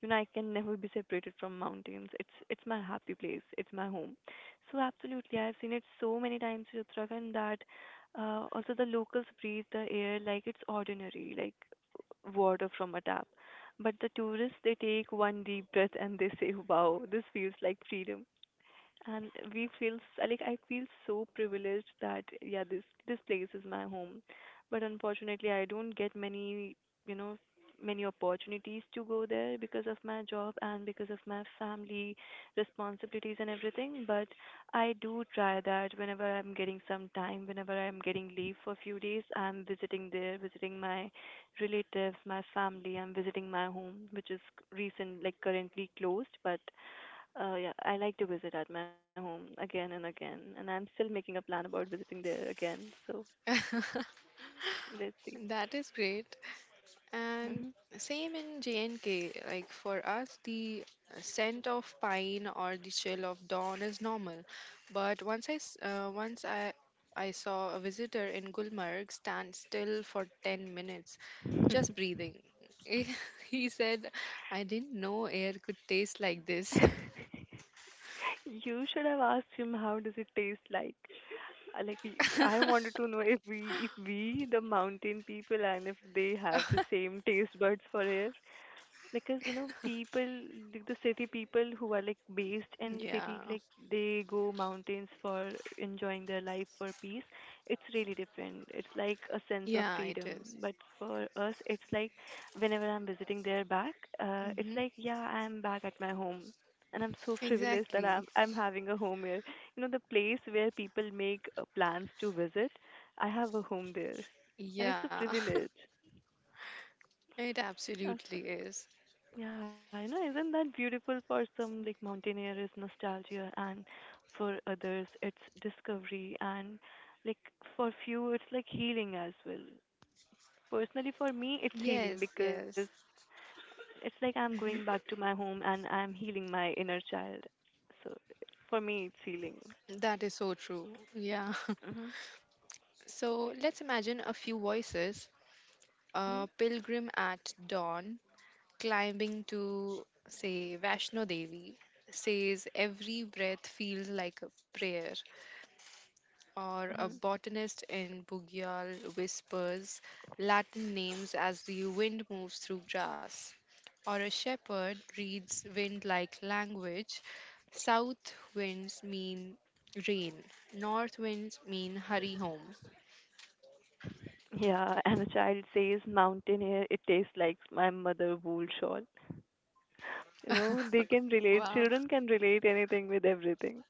[SPEAKER 2] I can never be separated from mountains. It's my happy place, it's my home. So absolutely, I've seen it so many times in Uttarakhand that also the locals breathe the air like it's ordinary, like water from a tap. But the tourists, they take one deep breath and they say, wow, this feels like freedom. And we feel s- like I feel so privileged that yeah, this place is my home, but unfortunately I don't get many you know many opportunities to go there because of my job and because of my family responsibilities and everything. But I do try that whenever I'm getting some time, whenever I'm getting leave for a few days, I'm visiting there, visiting my relatives, my family, I'm visiting my home, which is recent, like currently closed, but yeah, I like to visit at my home again and again, and I'm still making a plan about visiting there again. So let's see.
[SPEAKER 1] that is great. And
[SPEAKER 2] Mhm.
[SPEAKER 1] same in J&K, like for us, the scent of pine or the chill of dawn is normal. But once I, s- once I saw a visitor in Gulmarg stand still for 10 minutes, just breathing. He said, I didn't know air could taste like this.
[SPEAKER 2] You should have asked him how does it taste like. Like I wanted to know if we, the mountain people, and if they have the same taste buds for air. Because you know people like the city people who are like based in city
[SPEAKER 1] Yeah,
[SPEAKER 2] like they go mountains for enjoying their life for peace. It's really different, it's like a sense of
[SPEAKER 1] yeah, it
[SPEAKER 2] freedom,
[SPEAKER 1] is.
[SPEAKER 2] but for us it's like whenever I'm visiting there back, it's
[SPEAKER 1] Mm-hmm.
[SPEAKER 2] like yeah, I'm back at my home, and I'm so privileged that i'm
[SPEAKER 1] Exactly.
[SPEAKER 2] i'm having a home here. You know, the place where people make plans to visit, I have a home there, and it's a
[SPEAKER 1] Yeah,
[SPEAKER 2] privilege.
[SPEAKER 1] it absolutely is.
[SPEAKER 2] Yeah, you know. Isn't that beautiful? For some like mountaineer is nostalgia, and for others it's discovery, and like for few it's like healing as well. Personally for me it's healing
[SPEAKER 1] Yes,
[SPEAKER 2] because
[SPEAKER 1] yes.
[SPEAKER 2] it's like I'm going back to
[SPEAKER 1] Mhm.
[SPEAKER 2] my home and I'm healing my inner child. So for me it's healing.
[SPEAKER 1] That is so true. Yeah.
[SPEAKER 2] Mhm.
[SPEAKER 1] So let's imagine a few voices.
[SPEAKER 2] Mhm.
[SPEAKER 1] A pilgrim at dawn climbing to, say, Vaishno Devi says every breath feels like a prayer. Or a
[SPEAKER 2] Mhm.
[SPEAKER 1] botanist in Bugyal whispers Latin names as the wind moves through grass, or a shepherd reads wind like language. South winds mean rain, north winds mean hurry home.
[SPEAKER 2] Yeah, and the child says "Mountain air, it tastes like my mother wool shawl." You know, they can relate,
[SPEAKER 1] Wow.
[SPEAKER 2] children can relate anything with everything.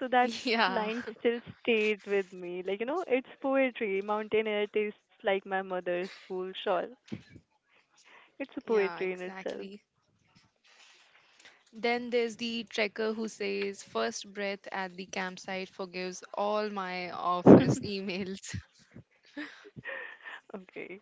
[SPEAKER 2] So that line
[SPEAKER 1] Yeah,
[SPEAKER 2] still stayed with me. Like, you know, it's poetry. Mountain air tastes like my mother's wool shawl. It's a
[SPEAKER 1] yeah,
[SPEAKER 2] poetry in itself.
[SPEAKER 1] exactly. Then there's the trekker who says, first breath at the campsite forgives all my office emails.
[SPEAKER 2] Okay.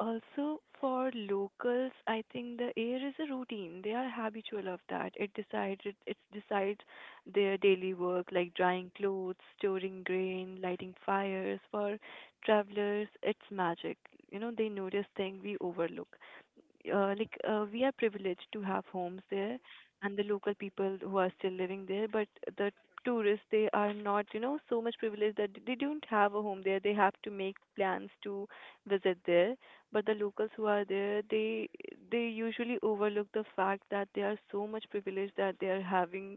[SPEAKER 2] Also, for locals, I think the air is a routine. They are habitual of that. It decides their daily work, like drying clothes, storing grain, lighting fires. For travelers, it's magic. You know, they notice things we overlook. Like we are privileged to have homes there, and the local people who are still living there, but the tourists, they are not, you know, so much privileged that they don't have a home there. They have to make plans to visit there. But the locals who are there, they usually overlook the fact that they are so much privileged that they are having,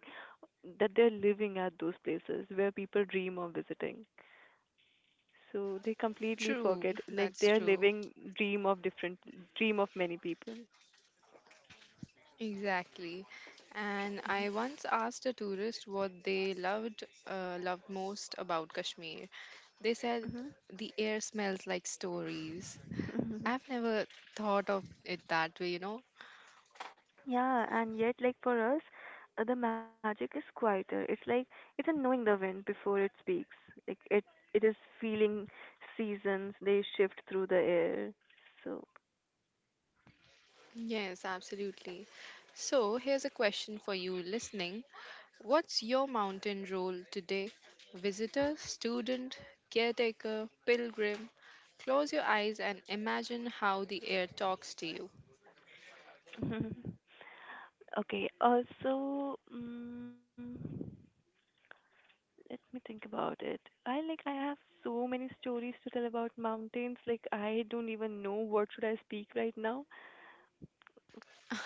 [SPEAKER 2] that they're living at those places where people dream of visiting. So they completely
[SPEAKER 1] True,
[SPEAKER 2] forget, like
[SPEAKER 1] that's
[SPEAKER 2] they're
[SPEAKER 1] true.
[SPEAKER 2] living dream of different, dream of many people.
[SPEAKER 1] Exactly. And I once asked a tourist what they loved loved most about Kashmir. They said
[SPEAKER 2] Hmm.
[SPEAKER 1] the air smells like stories.
[SPEAKER 2] Mhm.
[SPEAKER 1] I've never thought of it that way,
[SPEAKER 2] Yeah, and yet, like for us, the magic is quieter. It's like it's a knowing the wind before it speaks. Like it is feeling seasons. They shift through the air. So,
[SPEAKER 1] Yes, absolutely. So, here's a question for you listening. What's your mountain role today? Visitor, student, caretaker, pilgrim? Close your eyes and imagine how the air talks to you.
[SPEAKER 2] okay. Also, let me think about it. I like I have so many stories to tell about mountains. Like I don't even know what should I speak right now.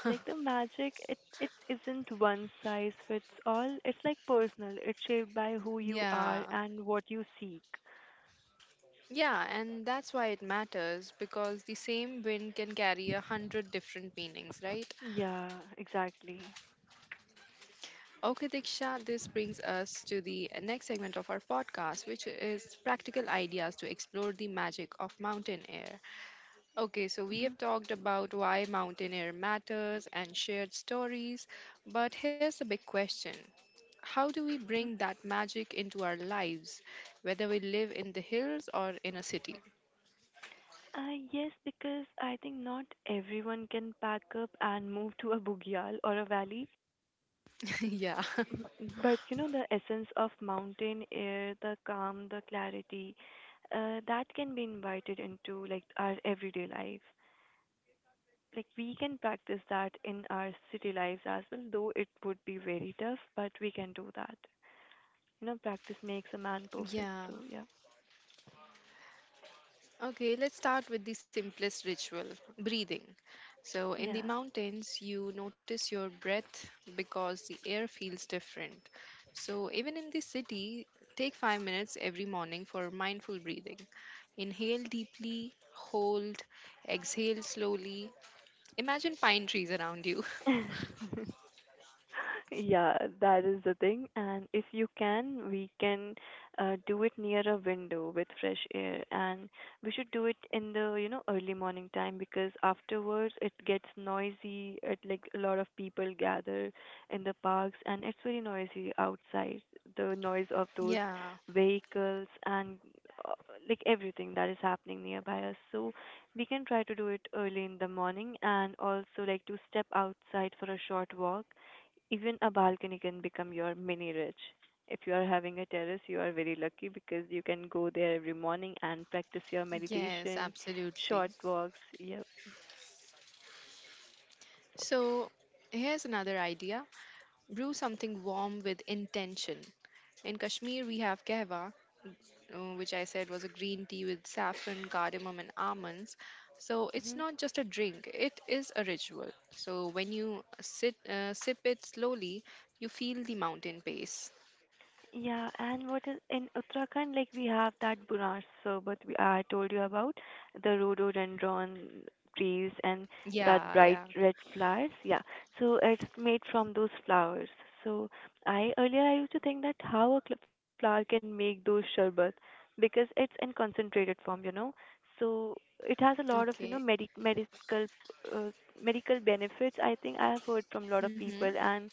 [SPEAKER 2] Like the magic, it isn't one size fits all. It's like personal, it's shaped by who you are
[SPEAKER 1] Yeah.
[SPEAKER 2] and what you seek.
[SPEAKER 1] Yeah, and that's why it matters because the same wind can carry a hundred different meanings, right?
[SPEAKER 2] Yeah, exactly.
[SPEAKER 1] Okay, Diksha, this brings us to the next segment of our podcast, which is practical ideas to explore the magic of mountain air. Okay, so we
[SPEAKER 2] Hmm.
[SPEAKER 1] have talked about why mountain air matters and shared stories, but here's the big question. How do we bring that magic into our lives, whether we live in the hills or in a city?
[SPEAKER 2] Yes, because I think not everyone can pack up and move to a bugyal or a valley.
[SPEAKER 1] Yeah.
[SPEAKER 2] Mhm. But you know, the essence of mountain air, the calm, the clarity, that can be invited into like our everyday life. Like we can practice that in our city lives as well, though it would be very tough, but we can do that. You know, practice makes a man perfect.
[SPEAKER 1] Yeah.
[SPEAKER 2] So yeah,
[SPEAKER 1] Okay, let's start with the simplest ritual, breathing. So, in the
[SPEAKER 2] yeah.
[SPEAKER 1] mountains, you notice your breath because the air feels different. So, even in the city, take 5 minutes every morning for mindful breathing. Inhale deeply, hold, exhale slowly. Imagine pine trees around you.
[SPEAKER 2] Yeah, that is the thing. And if you can, we can do it near a window with fresh air. And we should do it in the, you know, early morning time because afterwards it gets noisy. It like a lot of people gather in the parks and it's very noisy outside. The noise of those
[SPEAKER 1] Yeah,
[SPEAKER 2] vehicles and uh, like everything that is happening nearby us. So we can try to do it early in the morning, and also like to step outside for a short walk. Even a balcony can become your mini ridge. If you are having a terrace, you are very lucky because you can go there every morning and practice your
[SPEAKER 1] yes,
[SPEAKER 2] meditation,
[SPEAKER 1] absolutely.
[SPEAKER 2] short walks. Yep.
[SPEAKER 1] So, here's another idea, brew something warm with intention. In Kashmir, we have kahwa, which I said was a green tea with saffron, cardamom, and almonds. So it's not just a drink, it is a ritual. So when you sit, sip it slowly, you feel the mountain pace.
[SPEAKER 2] Yeah, and what is in Uttarakhand, like we have that Bunar Sarbat I told you about, the rhododendron trees and that
[SPEAKER 1] Yeah,
[SPEAKER 2] bright
[SPEAKER 1] yeah.
[SPEAKER 2] red flowers. Yeah, so it's made from those flowers. So I earlier I used to think that how a flower can make those sherbet, because it's in concentrated form, you know. So it has a lot of, you know,
[SPEAKER 1] Okay.
[SPEAKER 2] medical uh, medical benefits. I think I have heard from a lot of
[SPEAKER 1] Mm-hmm.
[SPEAKER 2] people. And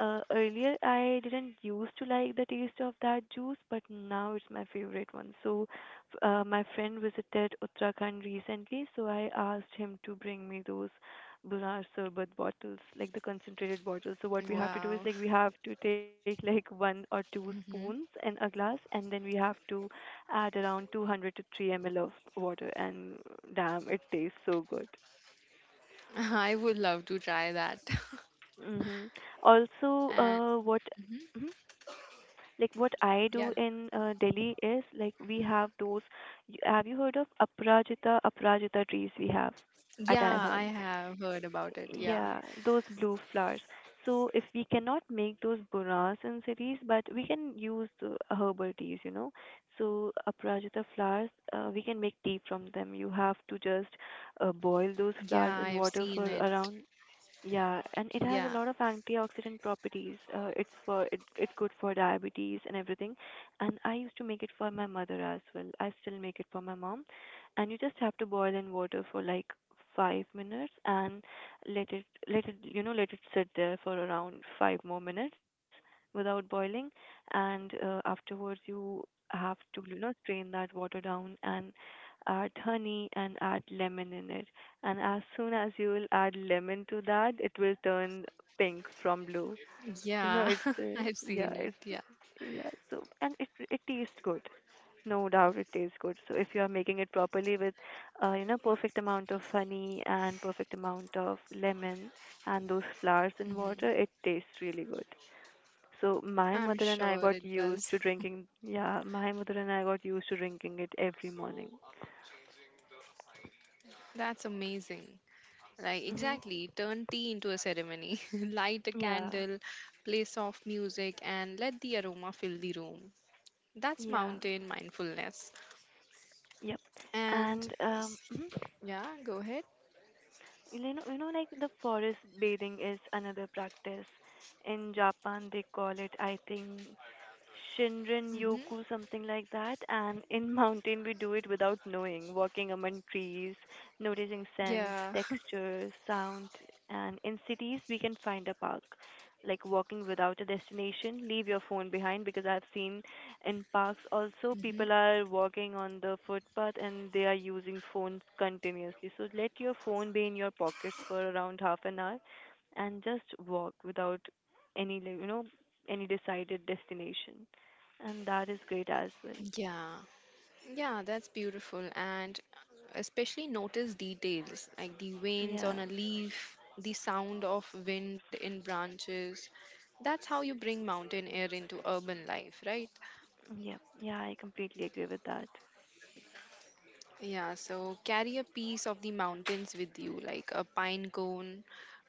[SPEAKER 2] earlier I didn't used to like the taste of that juice, but now it's my favorite one. So, my friend visited Uttarakhand recently, so I asked him to bring me those Bunar Sarbat bottles, like the concentrated bottles. So what we have to do is
[SPEAKER 1] Wow.
[SPEAKER 2] like we have to take like one or two spoons
[SPEAKER 1] Mm-hmm.
[SPEAKER 2] in a glass, and then we have to add around 200 to 3 ml of water, and damn, it tastes so good.
[SPEAKER 1] I would love to try that.
[SPEAKER 2] Mm-hmm. Also,
[SPEAKER 1] And
[SPEAKER 2] what?
[SPEAKER 1] mhm.
[SPEAKER 2] Hmm? Like what I do
[SPEAKER 1] Yeah,
[SPEAKER 2] in Delhi is like we have those. Have you heard of Aprajita? Aprajita trees we have at our
[SPEAKER 1] yeah, I
[SPEAKER 2] home.
[SPEAKER 1] have heard about it. Yeah,
[SPEAKER 2] Yeah, those blue flowers. So if we cannot make those buras in cities, but we can use the herbal teas, you know. So Aprajita flowers, we can make tea from them. You have to just boil those flowers
[SPEAKER 1] yeah,
[SPEAKER 2] in
[SPEAKER 1] I've
[SPEAKER 2] water for
[SPEAKER 1] seen it.
[SPEAKER 2] around, yeah, and it has a
[SPEAKER 1] Yeah,
[SPEAKER 2] lot of antioxidant properties. It's it's good for diabetes and everything. And I used to make it for my mother as well. I still make it for my mom. And you just have to boil in water for like 5 minutes and let it you know let it sit there for around five more minutes without boiling. And afterwards you have to, you know, strain that water down and add honey and add lemon in it, and as soon as you will add lemon to that, it will turn pink from blue. You know,
[SPEAKER 1] yeah,
[SPEAKER 2] it's
[SPEAKER 1] I've
[SPEAKER 2] yeah,
[SPEAKER 1] seen it.
[SPEAKER 2] it's
[SPEAKER 1] Yeah,
[SPEAKER 2] yeah. So, and it tastes good, no doubt it tastes good. So if you are making it properly with, you know, perfect amount of honey and perfect amount of lemon and those flowers in water,
[SPEAKER 1] hmm.
[SPEAKER 2] it tastes really good. So my
[SPEAKER 1] I'm
[SPEAKER 2] mother and I
[SPEAKER 1] sure
[SPEAKER 2] got
[SPEAKER 1] it
[SPEAKER 2] used
[SPEAKER 1] does.
[SPEAKER 2] to drinking. Yeah, my mother and I got used to drinking it every morning.
[SPEAKER 1] That's amazing. Like,
[SPEAKER 2] Mhm.
[SPEAKER 1] exactly. Turn tea into a ceremony. Light a
[SPEAKER 2] Yeah.
[SPEAKER 1] candle, play soft music, and let the aroma fill the room. That's
[SPEAKER 2] Yeah.
[SPEAKER 1] mountain mindfulness.
[SPEAKER 2] Yep.
[SPEAKER 1] And
[SPEAKER 2] And
[SPEAKER 1] s- yeah, go ahead.
[SPEAKER 2] you know, like the forest bathing is another practice. In Japan, they call it, I think, Shinrin Yoku,
[SPEAKER 1] Hmm.
[SPEAKER 2] something like that. And in mountain, we do it without knowing, walking among trees, noticing scents,
[SPEAKER 1] Yeah.
[SPEAKER 2] texture, sound. And in cities, we can find a park, like walking without a destination. Leave your phone behind, because I've seen in parks also
[SPEAKER 1] Hmm.
[SPEAKER 2] people are walking on the footpath and they are using phones continuously. So let your phone be in your pockets for around half an hour and just walk without any, like, you know, any decided destination. And that is great as well.
[SPEAKER 1] Yeah. Yeah, that's beautiful. And especially notice details like the veins
[SPEAKER 2] Yeah,
[SPEAKER 1] on a leaf, the sound of wind in branches. That's how you bring mountain air into urban life, right?
[SPEAKER 2] yeah, yeah, I completely agree with that.
[SPEAKER 1] Yeah, so carry a piece of the mountains with you, like a pine cone,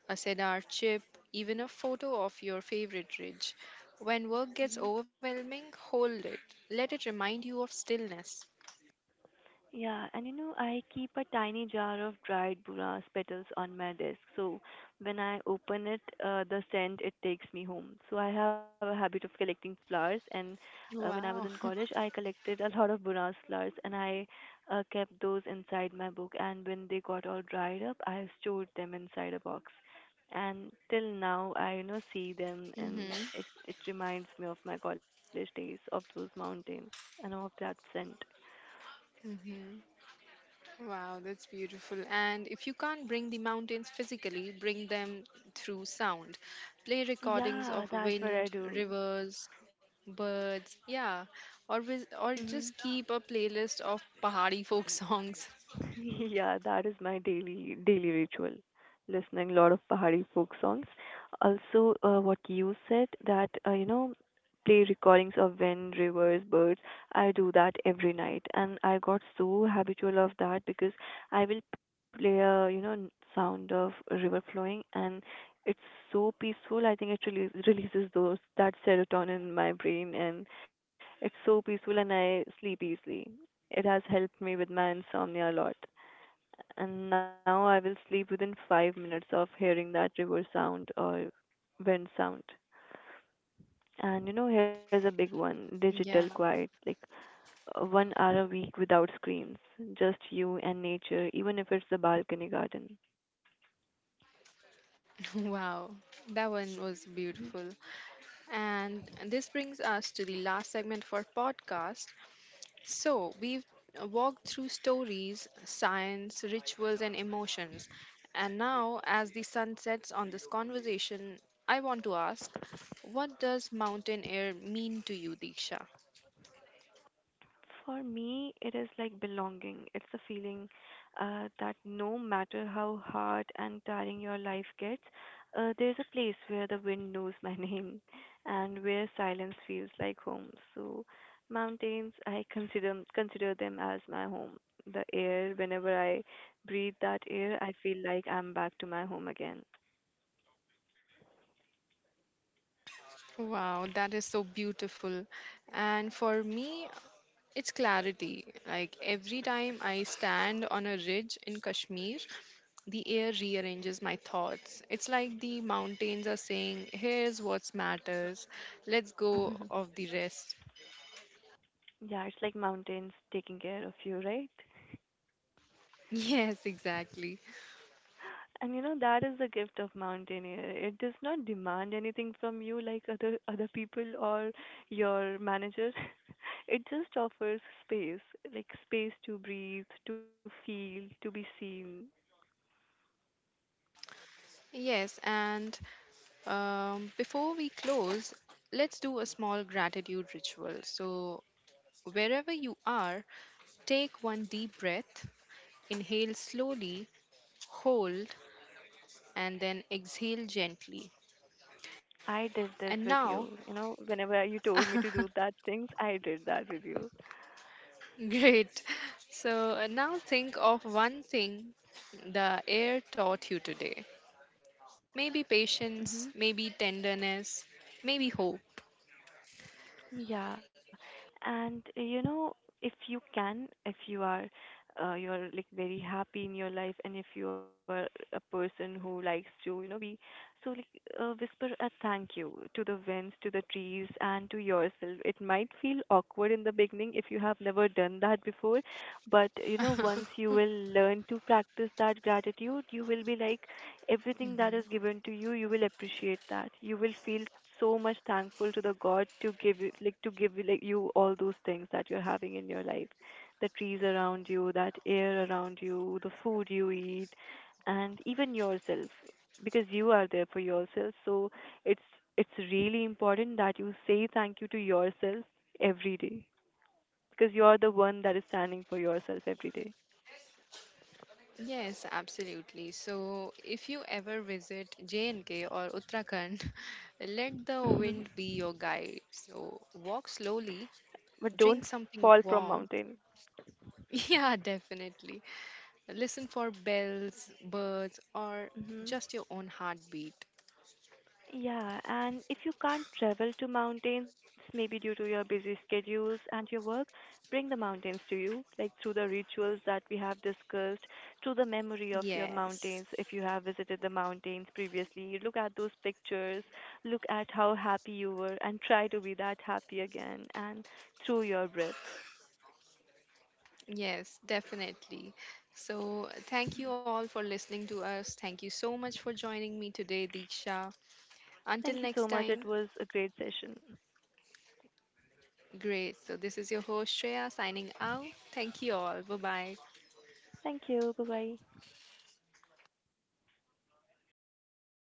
[SPEAKER 1] a cedar chip, even a photo of your favorite ridge. When work gets
[SPEAKER 2] Mhm.
[SPEAKER 1] overwhelming, hold it. Let it remind you of stillness.
[SPEAKER 2] Yeah, and you know, I keep a tiny jar of dried buras petals on my desk. So when I open it, the scent, it takes me home. So I have a habit of collecting flowers, and when I was in
[SPEAKER 1] Wow.
[SPEAKER 2] college, I collected a lot of buras flowers, and I kept those inside my book. And when they got all dried up, I stored them inside a box. And till now, I, you know, see them, and
[SPEAKER 1] Mm-hmm.
[SPEAKER 2] it reminds me of my college days, of those mountains, and of that scent.
[SPEAKER 1] Mm-hmm. Wow, that's beautiful. And if you can't bring the mountains physically, bring them through sound. Play recordings
[SPEAKER 2] Yeah,
[SPEAKER 1] of
[SPEAKER 2] that's what I
[SPEAKER 1] wind,
[SPEAKER 2] do.
[SPEAKER 1] rivers, birds. Yeah. Or or just
[SPEAKER 2] Hmm.
[SPEAKER 1] keep a playlist of Pahari folk songs.
[SPEAKER 2] Yeah, that is my daily ritual. Listening a lot of Pahari folk songs. Also, what you said, that you know, play recordings of wind, rivers, birds. I do that every night, and I got so habitual of that, because I will play a, you know, sound of a river flowing, and it's so peaceful. I think it really releases those, that serotonin in my brain, and it's so peaceful, and I sleep easily. It has helped me with my insomnia a lot. And now I will sleep within 5 minutes of hearing that river sound or wind sound. And you know, here's a big one,
[SPEAKER 1] Yeah.
[SPEAKER 2] digital quiet, like 1 hour a week without screens, just you and nature, even if it's the balcony garden.
[SPEAKER 1] Wow. That one was beautiful. And this brings us to the last segment for podcast. So, we've walked through stories, science, rituals, and emotions. And now, as the sun sets on this conversation, I want to ask, what does mountain air mean to you, Diksha?
[SPEAKER 2] For me, it is like belonging. It's the feeling that no matter how hard and tiring your life gets, there's a place where the wind knows my name and where silence feels like home. So, mountains, I consider them as my home. The air, whenever I breathe that air, I feel like I'm back to my home again.
[SPEAKER 1] Wow, that is so beautiful. And for me, it's clarity. Like every time I stand on a ridge in Kashmir, the air rearranges my thoughts. It's like the mountains are saying, here's what matters. Let's go of the rest.
[SPEAKER 2] Yeah, it's like mountains taking care of you, right?
[SPEAKER 1] Yes, exactly.
[SPEAKER 2] And you know, that is the gift of mountaineer. It does not demand anything from you like other people or your manager. It just offers space, like space to breathe, to feel, to be seen.
[SPEAKER 1] Yes, and before we close, let's do a small gratitude ritual. So, wherever you are, take one deep breath, inhale slowly, hold, and then exhale gently.
[SPEAKER 2] I did this
[SPEAKER 1] And
[SPEAKER 2] with
[SPEAKER 1] now,
[SPEAKER 2] you. You know, whenever you told me to do that things, I did that with you.
[SPEAKER 1] great. So now think of one thing the air taught you today. Maybe
[SPEAKER 2] Mhm.
[SPEAKER 1] patience, maybe tenderness, maybe hope.
[SPEAKER 2] Yeah, and you know, if you can, if you are, you're like very happy in your life, and if you are a person who likes to, you know, be so like whisper a thank you to the winds, to the trees, and to yourself. It might feel awkward in the beginning if you have never done that before, but you know, once you will learn to practice that gratitude, you will be like, everything that
[SPEAKER 1] Mhm.
[SPEAKER 2] is given to you, you will appreciate that. You will feel so much thankful to the God to give you, like you, all those things that you're having in your life, the trees around you, that air around you, the food you eat, and even yourself, because you are there for yourself. So it's it's really important that you say thank you to yourself every day, because you're the one that is standing for yourself every day.
[SPEAKER 1] Yes, absolutely. So, if you ever visit J&K or Uttarakhand, let the
[SPEAKER 2] Mhm.
[SPEAKER 1] wind be your guide. So, walk slowly,
[SPEAKER 2] But
[SPEAKER 1] drink
[SPEAKER 2] don't
[SPEAKER 1] something
[SPEAKER 2] fall from
[SPEAKER 1] warm.
[SPEAKER 2] mountain.
[SPEAKER 1] Yeah, definitely. Listen for bells, birds, or
[SPEAKER 2] Hmm.
[SPEAKER 1] just your own heartbeat.
[SPEAKER 2] Yeah, and if you can't travel to mountains, maybe due to your busy schedules and your work, bring the mountains to you, like through the rituals that we have discussed, through the memory of your
[SPEAKER 1] Yes,
[SPEAKER 2] mountains. If you have visited the mountains previously, look at those pictures, look at how happy you were, and try to be that happy again, and through your breath.
[SPEAKER 1] yes, definitely. So, thank you all for listening to us. Thank you so much for joining me today, Diksha. Until
[SPEAKER 2] Thank you
[SPEAKER 1] next
[SPEAKER 2] so much. It
[SPEAKER 1] time,
[SPEAKER 2] was a great session.
[SPEAKER 1] great. So, this is your host, Shreya, signing out. Thank you all. Bye bye.
[SPEAKER 2] Thank you. Bye bye.